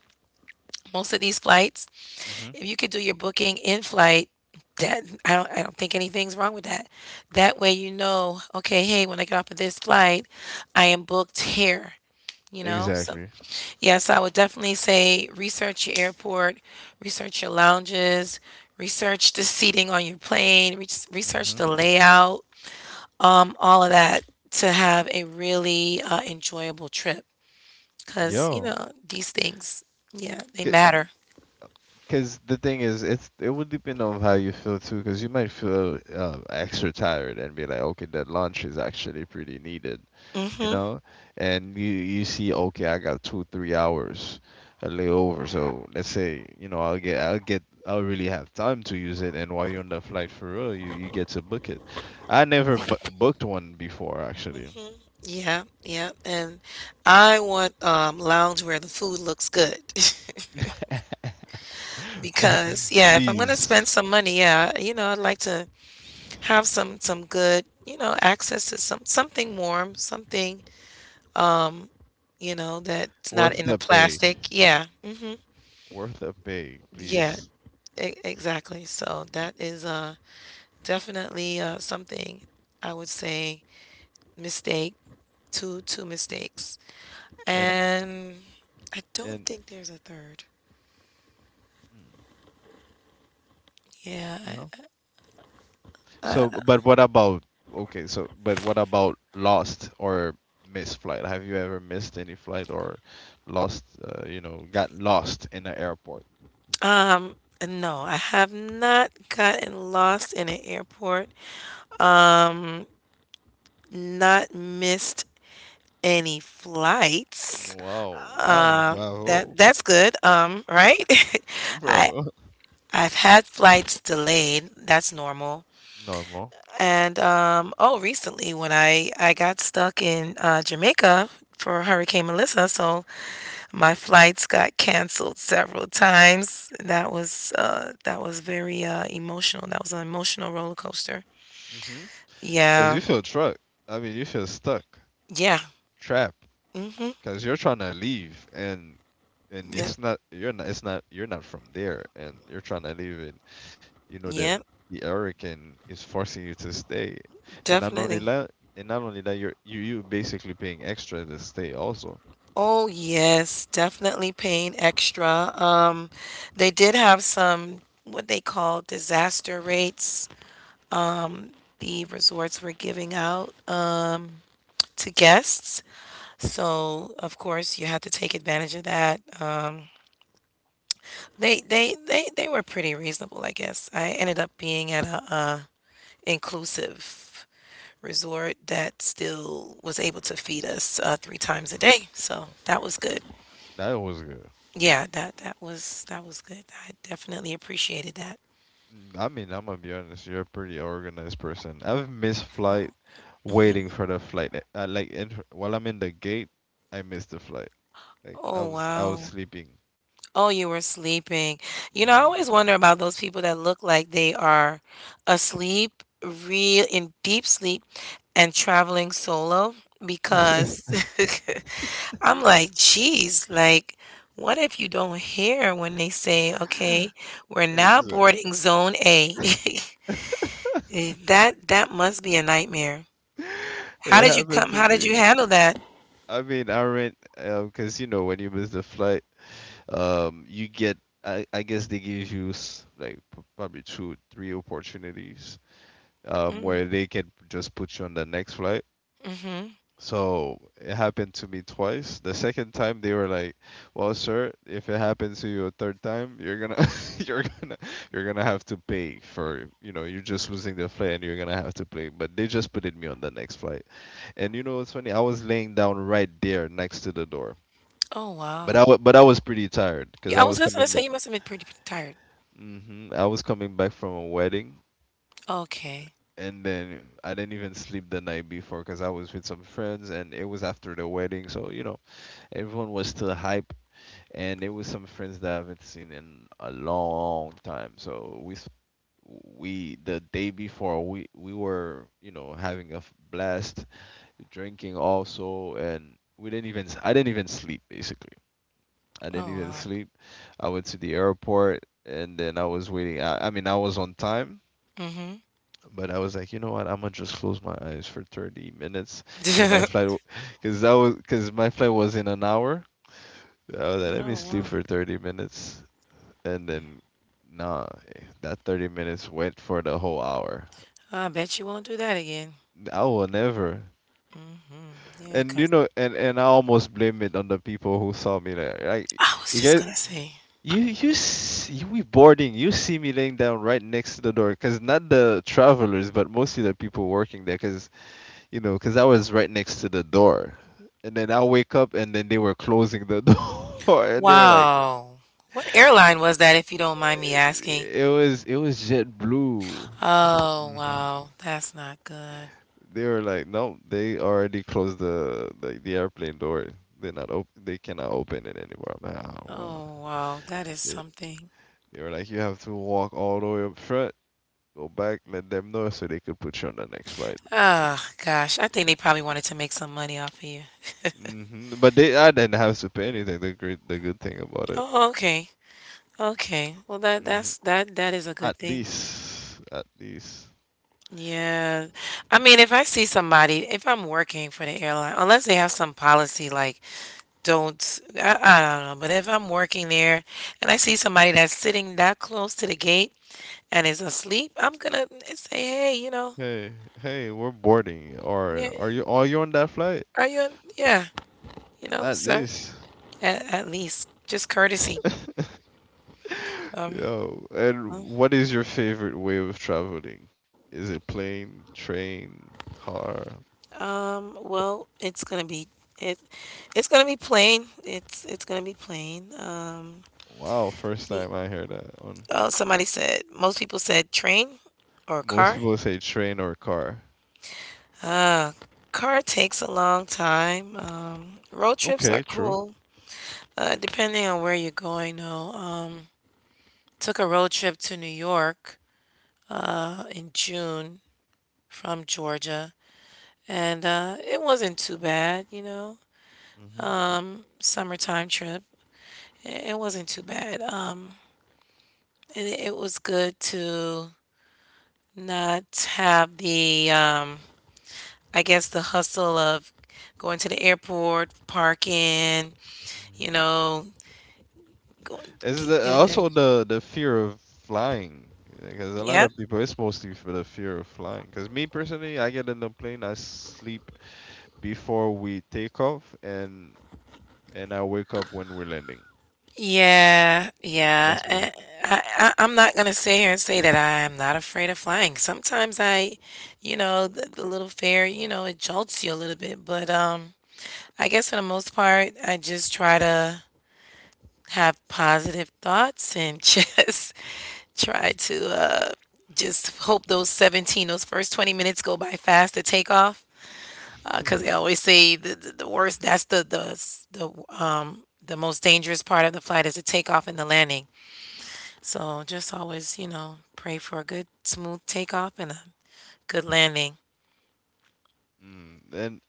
most of these flights. Mm-hmm. If you could do your booking in flight, that I don't think anything's wrong with that. That way you know, okay, hey, when I get off of this flight, I am booked here, you know? So Exactly. yes, I would definitely say research your airport, research your lounges, research the seating on your plane, research Mm-hmm. the layout, all of that to have a really enjoyable trip. Because, you Yo, know, these things, yeah, they matter. because the thing is, it would depend on how you feel too. Because you might feel extra tired and be like, okay, that lunch is actually pretty needed. You Hmm. know, and you see, okay, I got two, 3 hours, a little over, so let's say, you know, I'll really have time to use it, and while you're on the flight for real, you get to book it. I never bu booked one before, actually. Yeah, yeah. And I want lounge where the food looks good. *laughs* *laughs* Because yeah, if I'm gonna spend Please, some money, yeah, you know, I'd like to have some good, you know, access to something warm, something, you know, that's not worth in the the pay, plastic. Yeah. Hmm. worth the pay, Yeah, please, exactly. So that is definitely something I would say mistake, two mistakes. and And I don't and think there's a third. mm, Yeah, no. So, but what about lost or missed flight? Have you ever missed any flight or lost, got lost in the airport? um, no, I have not gotten lost in an airport, not missed any flights. Wow, wow, Uh, bravo, that's good. Right? *laughs* I bro. I've had flights delayed. That's normal. *laughs* Normal. And oh, recently when I got stuck in, Jamaica for Hurricane Melissa, so my flights got canceled several times. That was, that was very, emotional. That was an emotional roller coaster. Mhm. Cause Yeah. you feel truck. I mean, you feel stuck, Yeah. trapped. Mm-hmm. Because you're trying to leave, and Yep. it's not you're not it's not you're not from there, and you're trying to leave, and you know that Yep. the hurricane is forcing you to stay, and not only Definitely. that, you basically paying extra to stay also. Oh yes, definitely paying extra. They did have some what they call disaster rates. The resorts were giving out, to guests, so of course you had to take advantage of that. They were pretty reasonable, I guess. I ended up being at a, uh, inclusive resort that still was able to feed us, three times a Mm. day. So Oh, that was good. that was good. Yeah, that was good. I definitely appreciated that. Mm, I mean, I'm gonna be honest. You're a pretty organized person. I've missed flight waiting for the flight. Like, while I'm in the gate, I missed the flight. Like I Oh was, I was wow. sleeping. Oh, you were sleeping. You know, I always wonder about those people that look like they are asleep, real in deep sleep, and traveling solo because hmm *laughs* *laughs* I'm like, geez, like, what if you don't hear when they say, okay, we're now Exactly. boarding zone A? *laughs* *laughs* Eh, that that must be a nightmare. How It did you happened come? to How did you me. handle that? I mean, I rent, because you know when you miss the flight, um, you get I guess they give you like probably two, three opportunities Mm, where they can just put you on the next flight. mm-hmm. So it happened to me twice. The second time they were like, "Well, sir, if it happens to you a third time, you're gonna, *laughs* you're gonna, you're gonna have to pay for, you're just losing the flight, and you're gonna have to pay." But they just put it me on the next flight, and you know what's funny? I was laying down right there next to the door, Oh, but I wow. wa- but I was pretty tired because Yeah, I I was was just gonna coming say back. you must have been pretty, pretty tired. I was coming back from a wedding, Okay. and then I didn't even sleep the night before because I was with some friends, and it was after the wedding, so you know. Everyone was still hype, and it was some friends that I haven't seen in a long time. So we s- we the day before we were having a blast, drinking also, and we didn't even I didn't even sleep basically. I Oh, didn't even wow. sleep. I went to the airport and then I was waiting. I mean, I was on time, but I was like, you know what? I'm gonna just close my eyes for 30 minutes because my Mm-hmm. *laughs* flight, because that was because my flight was in an hour, I was like, let me No, sleep wow. for 30 minutes. And then, nah, that 30 minutes went for the whole hour. I bet you won't do that again. I will never. Yeah, And, 'cause and I almost blame it on the people who saw me there. Like, I was you just guys, gonna say, you we boarding. You see me laying down right next to the door, cause not the travelers, but mostly the people working there, cause, cause I was right next to the door. And then I wake up, and then they were closing the *laughs* door, and they were like, wow. What airline was that, if you don't mind me asking? it was JetBlue. Oh, hmm wow. That's not good. They were like, no, they already closed the airplane door. They're not op They cannot open it anymore. I'm like, oh well. Oh, wow. That is They, something. they were like, you have to walk all the way up front, go back, let them know so they could put you on the next flight. Ah, gosh. I think they probably wanted to make some money off of you. But I didn't have to pay anything. The good thing about it. Oh, okay. Okay. Well, hmm that's that is a good At thing. least, at least. Yeah. I mean, if I see somebody, if I'm working for the airline, unless they have some policy like don't, I don't know, but if I'm working there and I see somebody that's sitting that close to the gate and is asleep, I'm gonna say, "Hey, you know, Hey, hey, we're boarding. yeah, Or are you? Are you on that flight? are you yeah, you know, At sir, least. At least just courtesy." *laughs* Um, Yo, and what is your favorite way of traveling? Is it plane, train, car? Well, it. It's gonna be plain. It's gonna be plain. Wow, first y- time I hear that on. oh, somebody said most people said train or Most car. people say train or car. Car takes a long time. Road trips are Okay, true. cool. Depending on where you're going, though. Took a road trip to New York, in June from Georgia, and it wasn't too bad. You know, Hmm, summertime trip. It wasn't too bad. And it was good to not have the, I guess, the hustle of going to the airport, parking, you hmm. know, going, Is get- doing, also the fear of flying? Because a lot yep. of people, it's mostly for the fear of flying. Because me personally, I get in the plane, I sleep before we take off, and I wake up when we're landing. Yeah, yeah. That's me. I'm not gonna sit here and say that I am not afraid of flying. Sometimes I, you know, the little fear, you know, it jolts you a little bit. But I guess for the most part, I just try to have positive thoughts and *laughs* just try to just hope those 17, those first 20 minutes go by fast to take off. Because they *laughs* always say the worst, that's the most dangerous part of the flight is the takeoff and the landing. So just always, you know, pray for a good, smooth takeoff and a good landing. Mm, and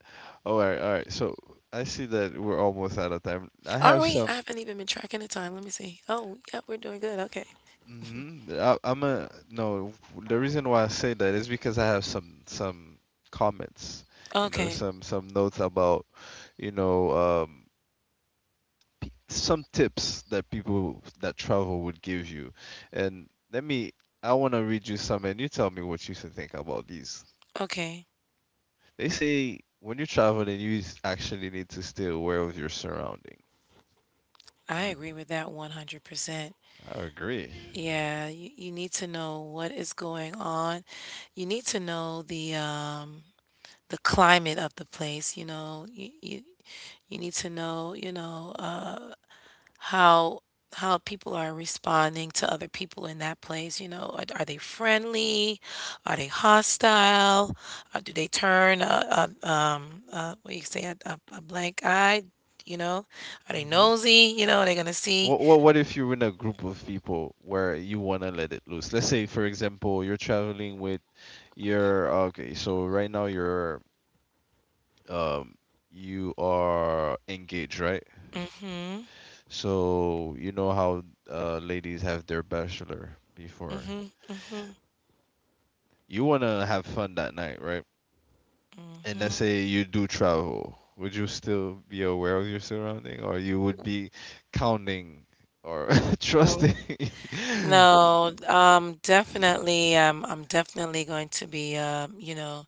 oh, all right, all right. So I see that we're almost out of time. I Are have we? I some. haven't even been tracking the time. Let me see. Oh, yeah, we're doing good. Okay. Mm-hmm, I'm a no. The reason why I say that is because I have some comments, you know, Okay. some notes about, you know, um, some tips that people that travel would give you, and let me. I want to read you some, and you tell me what you think about these. Okay. They say when you travel, actually need to stay aware of your surrounding. I Mm. agree with that 100%. I agree. Yeah, you need to know what is going on. You need to know the climate of the place, you know. You need to know, you know, how people are responding to other people in that place, you know. Are they friendly? Are they hostile? Do they turn a, what do you say, a blank eye, you know? Are they Hmm. nosy? You know, are they gonna see What if you're in a group of people where you wanna let it loose? Let's say, for example, you're traveling with your okay. So right now you're um you are engaged, right? So you know how ladies have their bachelor before. You wanna have fun that night, right? And let's say you do travel. Would you still be aware of your surrounding, or you would be counting or *laughs* trusting? No, *laughs* definitely, I'm definitely going to be, you know,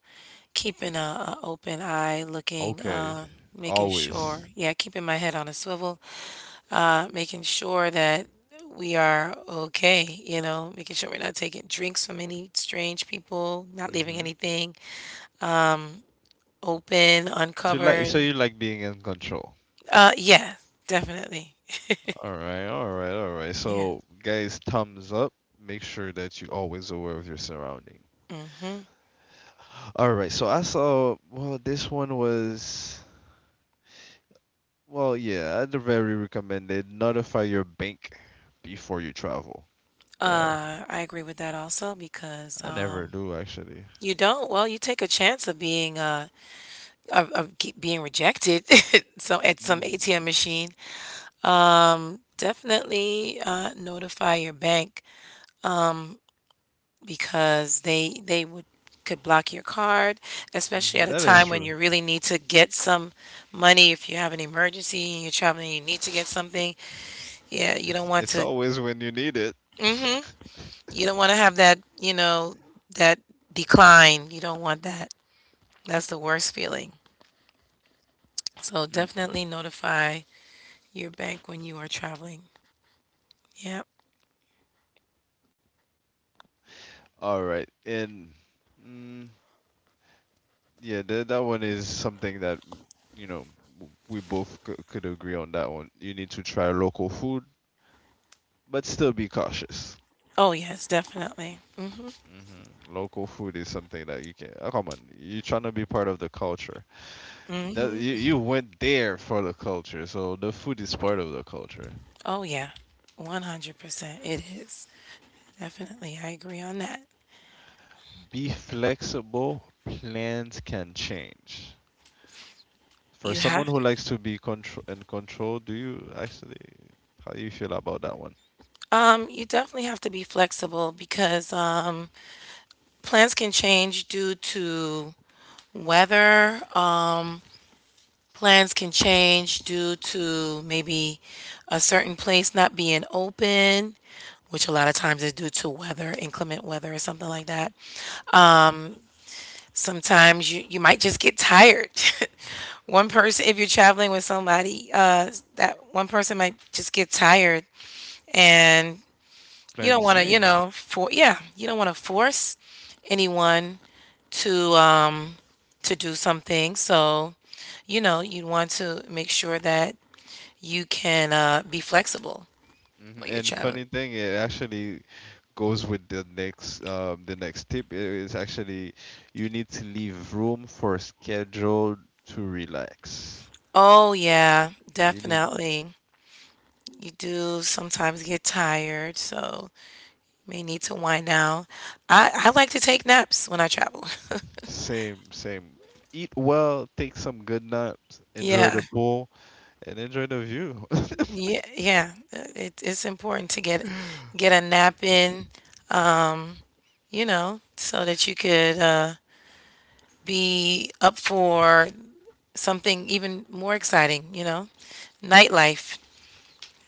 keeping a open eye, looking, Okay. Making sure, Always. yeah, keeping my head on a swivel, making sure that we are okay, you know, making sure we're not taking drinks from any strange people, not leaving Mm-hmm. anything open, So you like so uncovered. you like being in control. Yeah, definitely. All right, all right, all right. Yeah. So guys, thumbs up. Make sure that you are always aware of your surrounding. All right. So I saw well this one was well yeah, I'd very recommend it. Notify your bank before you travel. Yeah, I agree with that also because I never um, do actually. you don't, well, you take a chance of being of keep being rejected *laughs* so at some Mm. ATM machine. Definitely notify your bank because they would could block your card, especially Mm-hmm. at a That is time when true. you really need to get some money. If you have an emergency and you're traveling, and you need to get It- something. Yeah, you don't It's want it's to always when you need it. you don't want to have that that decline. You don't want that. That's the worst feeling. So Mm. definitely notify your bank when you are traveling. Yep. All right. And mm, yeah, that one is something that mm, you know, we both could agree on that one. You need to try local food, but still be cautious. Oh, yes, definitely. Hmm. Local food is something that you can. Oh, come on, you're trying to be part of the culture. That you went there for the culture, so the food is part of the culture. Oh, yeah. 100%. It is. Definitely. I agree on that. Be flexible. Plans can change. For You someone have who to. likes to be contr in control, do you actually how do you feel about that one? You definitely have to be flexible because plans can change due to weather. Plans can change due to maybe a certain place not being open, which a lot of times is due to weather, inclement weather, or something like that. Mhm. Um, Sometimes you might just get tired. *laughs* *laughs* One person, if you're traveling with somebody, that one person might just get tired, and you don't Plans want to, you change. know, you don't want to force anyone to um to do something. So, you know, you want to make sure that you can be flexible Hmm. when you're And traveling. funny thing, it actually goes with the next tip. It is actually you need to leave room for schedule to relax. Oh yeah, You need definitely. You do sometimes get tired, so may need to wind down. I like to take naps when I travel. *laughs* same same eat well, take some good naps, enjoy Yeah. the pool, and enjoy the view. Yeah, yeah. It's important to get *laughs* a nap in, you know, so that you could be up for something even more exciting, you know. Nightlife.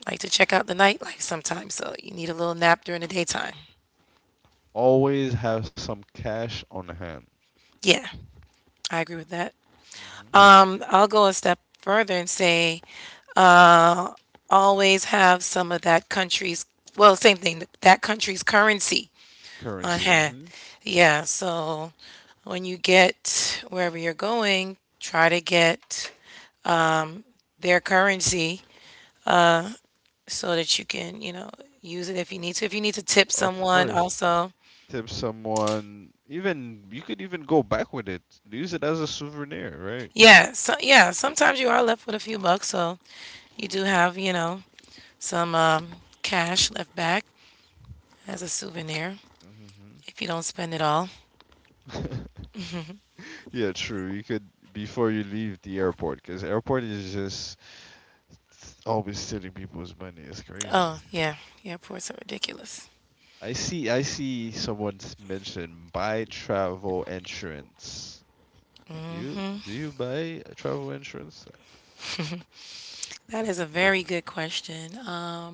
Like to check out the nightlife sometimes, so you need a little nap during the daytime. Always have some cash on hand. Yeah, I agree with that. Hmm. I'll go a step further and say always have some of that country's well same thing that country's currency on Currency. hand, Hmm. yeah, so when you get wherever you're going try to get their currency so that you can, you know, use it if you need to, if you need to tip Of someone course. also, Tip someone. Even you could even go back with it. Use it as a souvenir, right? yeah so yeah, sometimes you are left with a few bucks, so you do have, you know, some cash left back as a souvenir Hmm. if you don't spend it all. *laughs* Yeah, true. You could before you leave the airport, because airport is just always stealing people's money. It's crazy. Oh yeah, airports are ridiculous. I see. I see. Someone's mentioned buy travel insurance. Do you buy a travel insurance That is a very good question.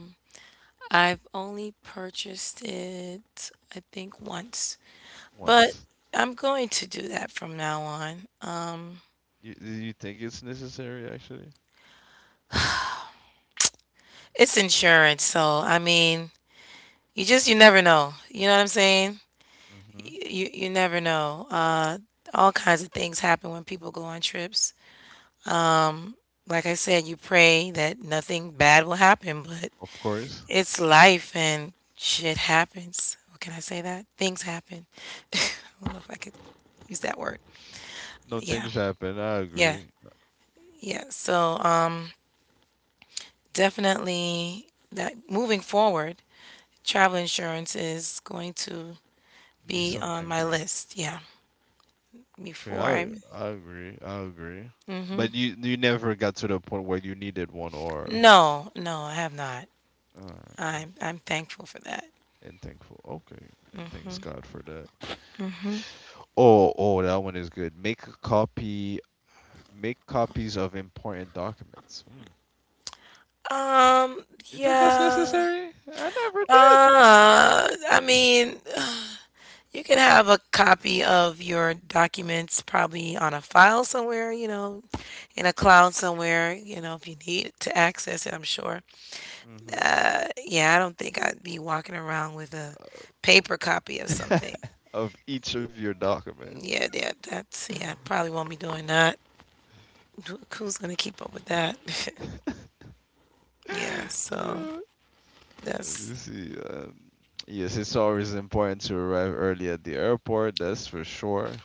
I've only purchased it, I think, once, but once? I'm going to do that from now on. You do you think it's necessary actually? It's insurance, so I mean, you just you never know. You know what I'm saying? Mhm. You you never know. All kinds of things happen when people go on trips. Like I said, you pray that nothing bad will happen, but Of course. it's life and shit happens. Can I say that? Things happen. *laughs* I don't know if I could use that word. No, Yeah, things happen. I yeah, agree. yeah. So, definitely that moving forward, travel insurance is going to Be be on something. my list. Yeah, Okay, before I, I agree. I agree. But you never got to the point where you needed one or no, no, I have not. alright. I'm thankful for that. And thankful. Okay. And thanks God for that. Oh, oh, that one is good. Make a copy make copies of important documents. Hmm. Um, You think that's yeah. necessary? I never I did. *laughs* mean, you can have a copy of your documents probably on a file somewhere, you know, in a cloud somewhere, you know, if you need to access it, I'm sure. Hmm. Yeah, I don't think I'd be walking around with a paper copy of something. *laughs* Of each of your documents. Yeah, yeah, that's *laughs* yeah. I probably won't be doing that. Who- Who's gonna keep up with that? *laughs* Yeah, so Yeah, let that's me see. Yes, it's always important to arrive early at the airport. That's for sure.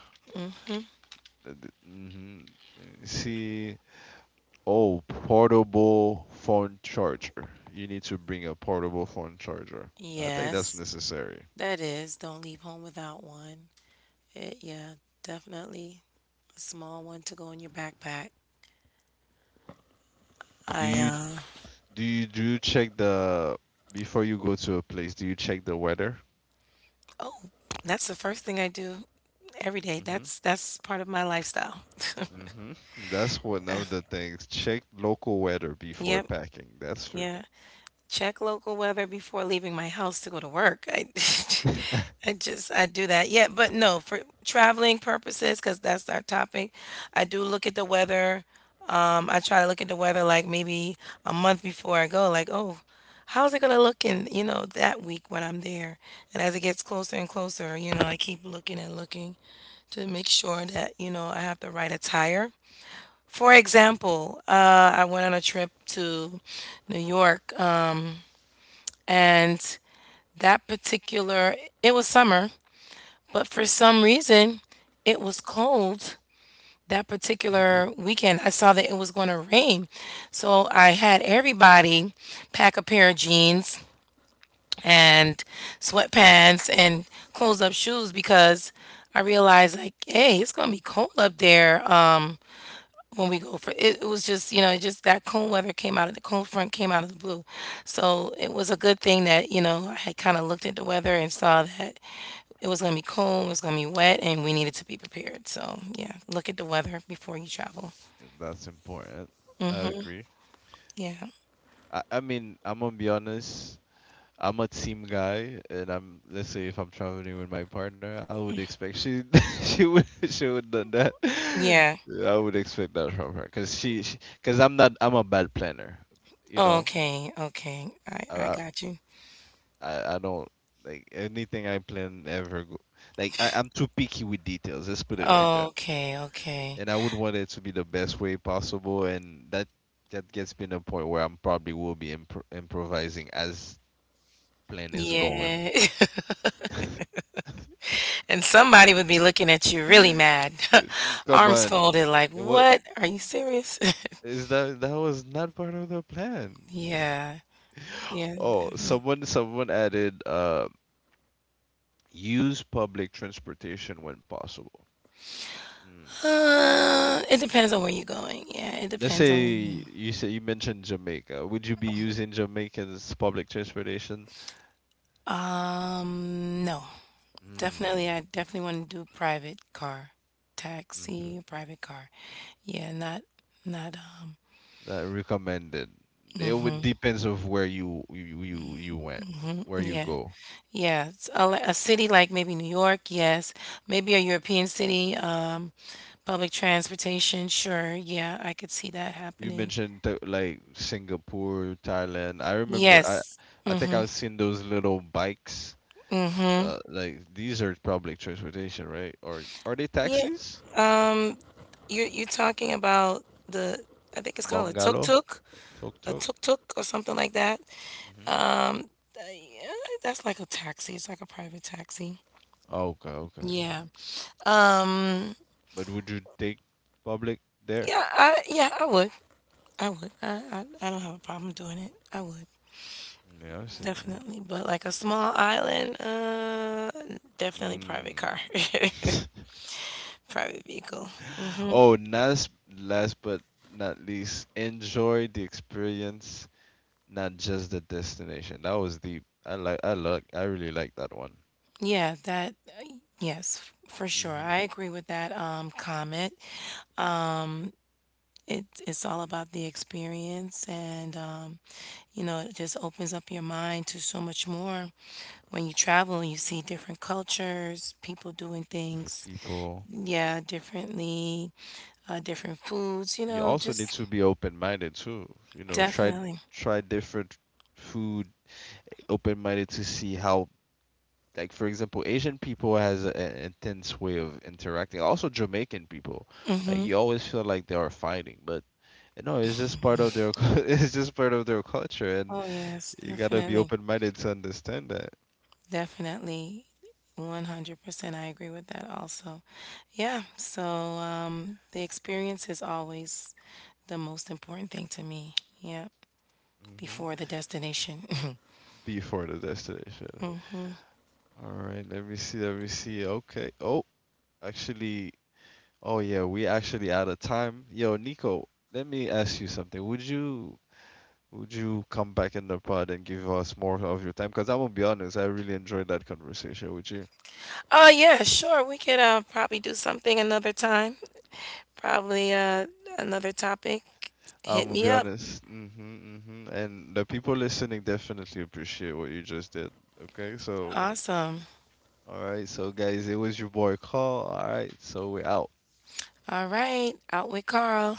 Mm-hmm. See, oh, portable phone charger. You need to bring a portable phone charger. I think that's Yes, necessary. that is. Don't leave home without one. It, yeah, definitely a small one to go in your backpack. Do I, you Do you do you check the Before you go to a place, do you check the weather? oh, that's the first thing I do every day. Mm-hmm. That's part of my lifestyle. *laughs* Mm-hmm. That's one of the things. Check local weather before Yep, packing. That's for yeah. Check local weather before leaving my house to go to work. I *laughs* *laughs* I just I do that. Yeah, but no, for traveling purposes, because that's our topic, I do look at the weather. I try to look at the weather like maybe a month before I go, like, oh, how's it gonna look in, you know, that week when I'm there? And as it gets closer and closer, you know, I keep looking and looking to make sure that, you know, I have the right attire. For example, I went on a trip to New York. And that particular, it was summer, but for some reason, it was cold that mm-hmm. particular weekend. I saw that it was going to rain. So I had everybody pack a pair of jeans Mm. and sweatpants and closed up shoes because I realized, like, hey, it's going to be cold up there. When we go for it, it was just, you know, it just that cold weather came out of the cold front came out of the blue, so it was a good thing that, you know, I had kind of looked at the weather and saw that it was going to be cold, it was going to be wet, and we needed to be prepared, so yeah, look at the weather before you travel. That's important. I agree. Yeah, I mean, I'm gonna be honest. I'm a team guy, and I'm let's say if I'm traveling with my partner, I would expect she *laughs* she would done that. yeah. *laughs* Yeah, I would expect that from her, cause she cause I'm not I'm a bad planner, you know. Okay, okay. I I got you. I don't like anything I plan ever go like I, I'm too picky with details, let's put it like that. Okay, okay. And I would want it to be the best way possible, and that gets me to the point where I'm probably will be improvising as plan is going. Yeah. *laughs* *laughs* And somebody would be looking at you really mad *laughs* Come arms on. folded like What what are you serious. is that, was not part of the *laughs* plan. Yeah, yeah. Oh, someone added use public transportation when possible. Mm. It depends on where you're going. Yeah, it Let's depends on say where you're going. you said you mentioned Jamaica. Would you be using Jamaica's public transportation? No. Definitely, I Mm, definitely want to do private car, mhm. taxi, private car. Yeah, not, not, Not recommended. It would depends of where you went, where you yeah, go. yeah. It's a, li- a city like maybe New York, yes. Maybe a European city, public transportation, sure. Yeah, I could see that You happening. mentioned like Singapore, Thailand. Yes. I think I've seen those little bikes. Like these are public transportation, right? Or are they Yeah, taxis? you're talking about the I think it's called Bungalow, tuk a tuk. tuk-tuk or something like that. Mhm. Yeah, that's like a taxi. It's like a private taxi. Okay, okay. Yeah. Um. But would you take public there? Yeah. I. Yeah. I would. I would. I. I don't have a problem doing it. I would Yeah, I've seen there. definitely. But like a small island. Definitely private car. Mm. *laughs* Private vehicle. *laughs* Oh, last, last but not least, enjoy the experience, not just the destination. That was deep. I really like that one. Yeah. That. Yes. For sure. Hmm. I agree with that. Comment. It's all about the experience, and you know, it just opens up your mind to so much more. When you travel, you see different cultures, people doing Different things, people. yeah, differently, different foods, you You know, also just need to be open-minded too. You know, definitely. try different food, open-minded to see how, like for example, Asian people has an intense way of interacting. Also Jamaican people, like you always feel like they are fighting, but you know, it's just part of their *laughs* it's just part of their culture, and Oh, yes, you gotta be definitely. open-minded to understand that. Definitely. 100% I agree with that also. Yeah, so the experience is always the most important thing to me. Yeah. Hmm. Before the destination. *laughs* Before the destination. All right, let me see, let me see. Okay, oh, actually, oh yeah, we actually out of time. Yo, Nico, let me ask you something. Would you come back in the pod and give us more of your time? Because I'm gonna be honest, I really enjoyed that conversation with you. Oh, yeah, sure. We could probably do something another time. Probably another topic. I'm Hit gonna me be up. honest. Mm-hmm, mm-hmm. And the people listening definitely appreciate what you just did. Okay, so Awesome. all right, so All right. Out with Carl.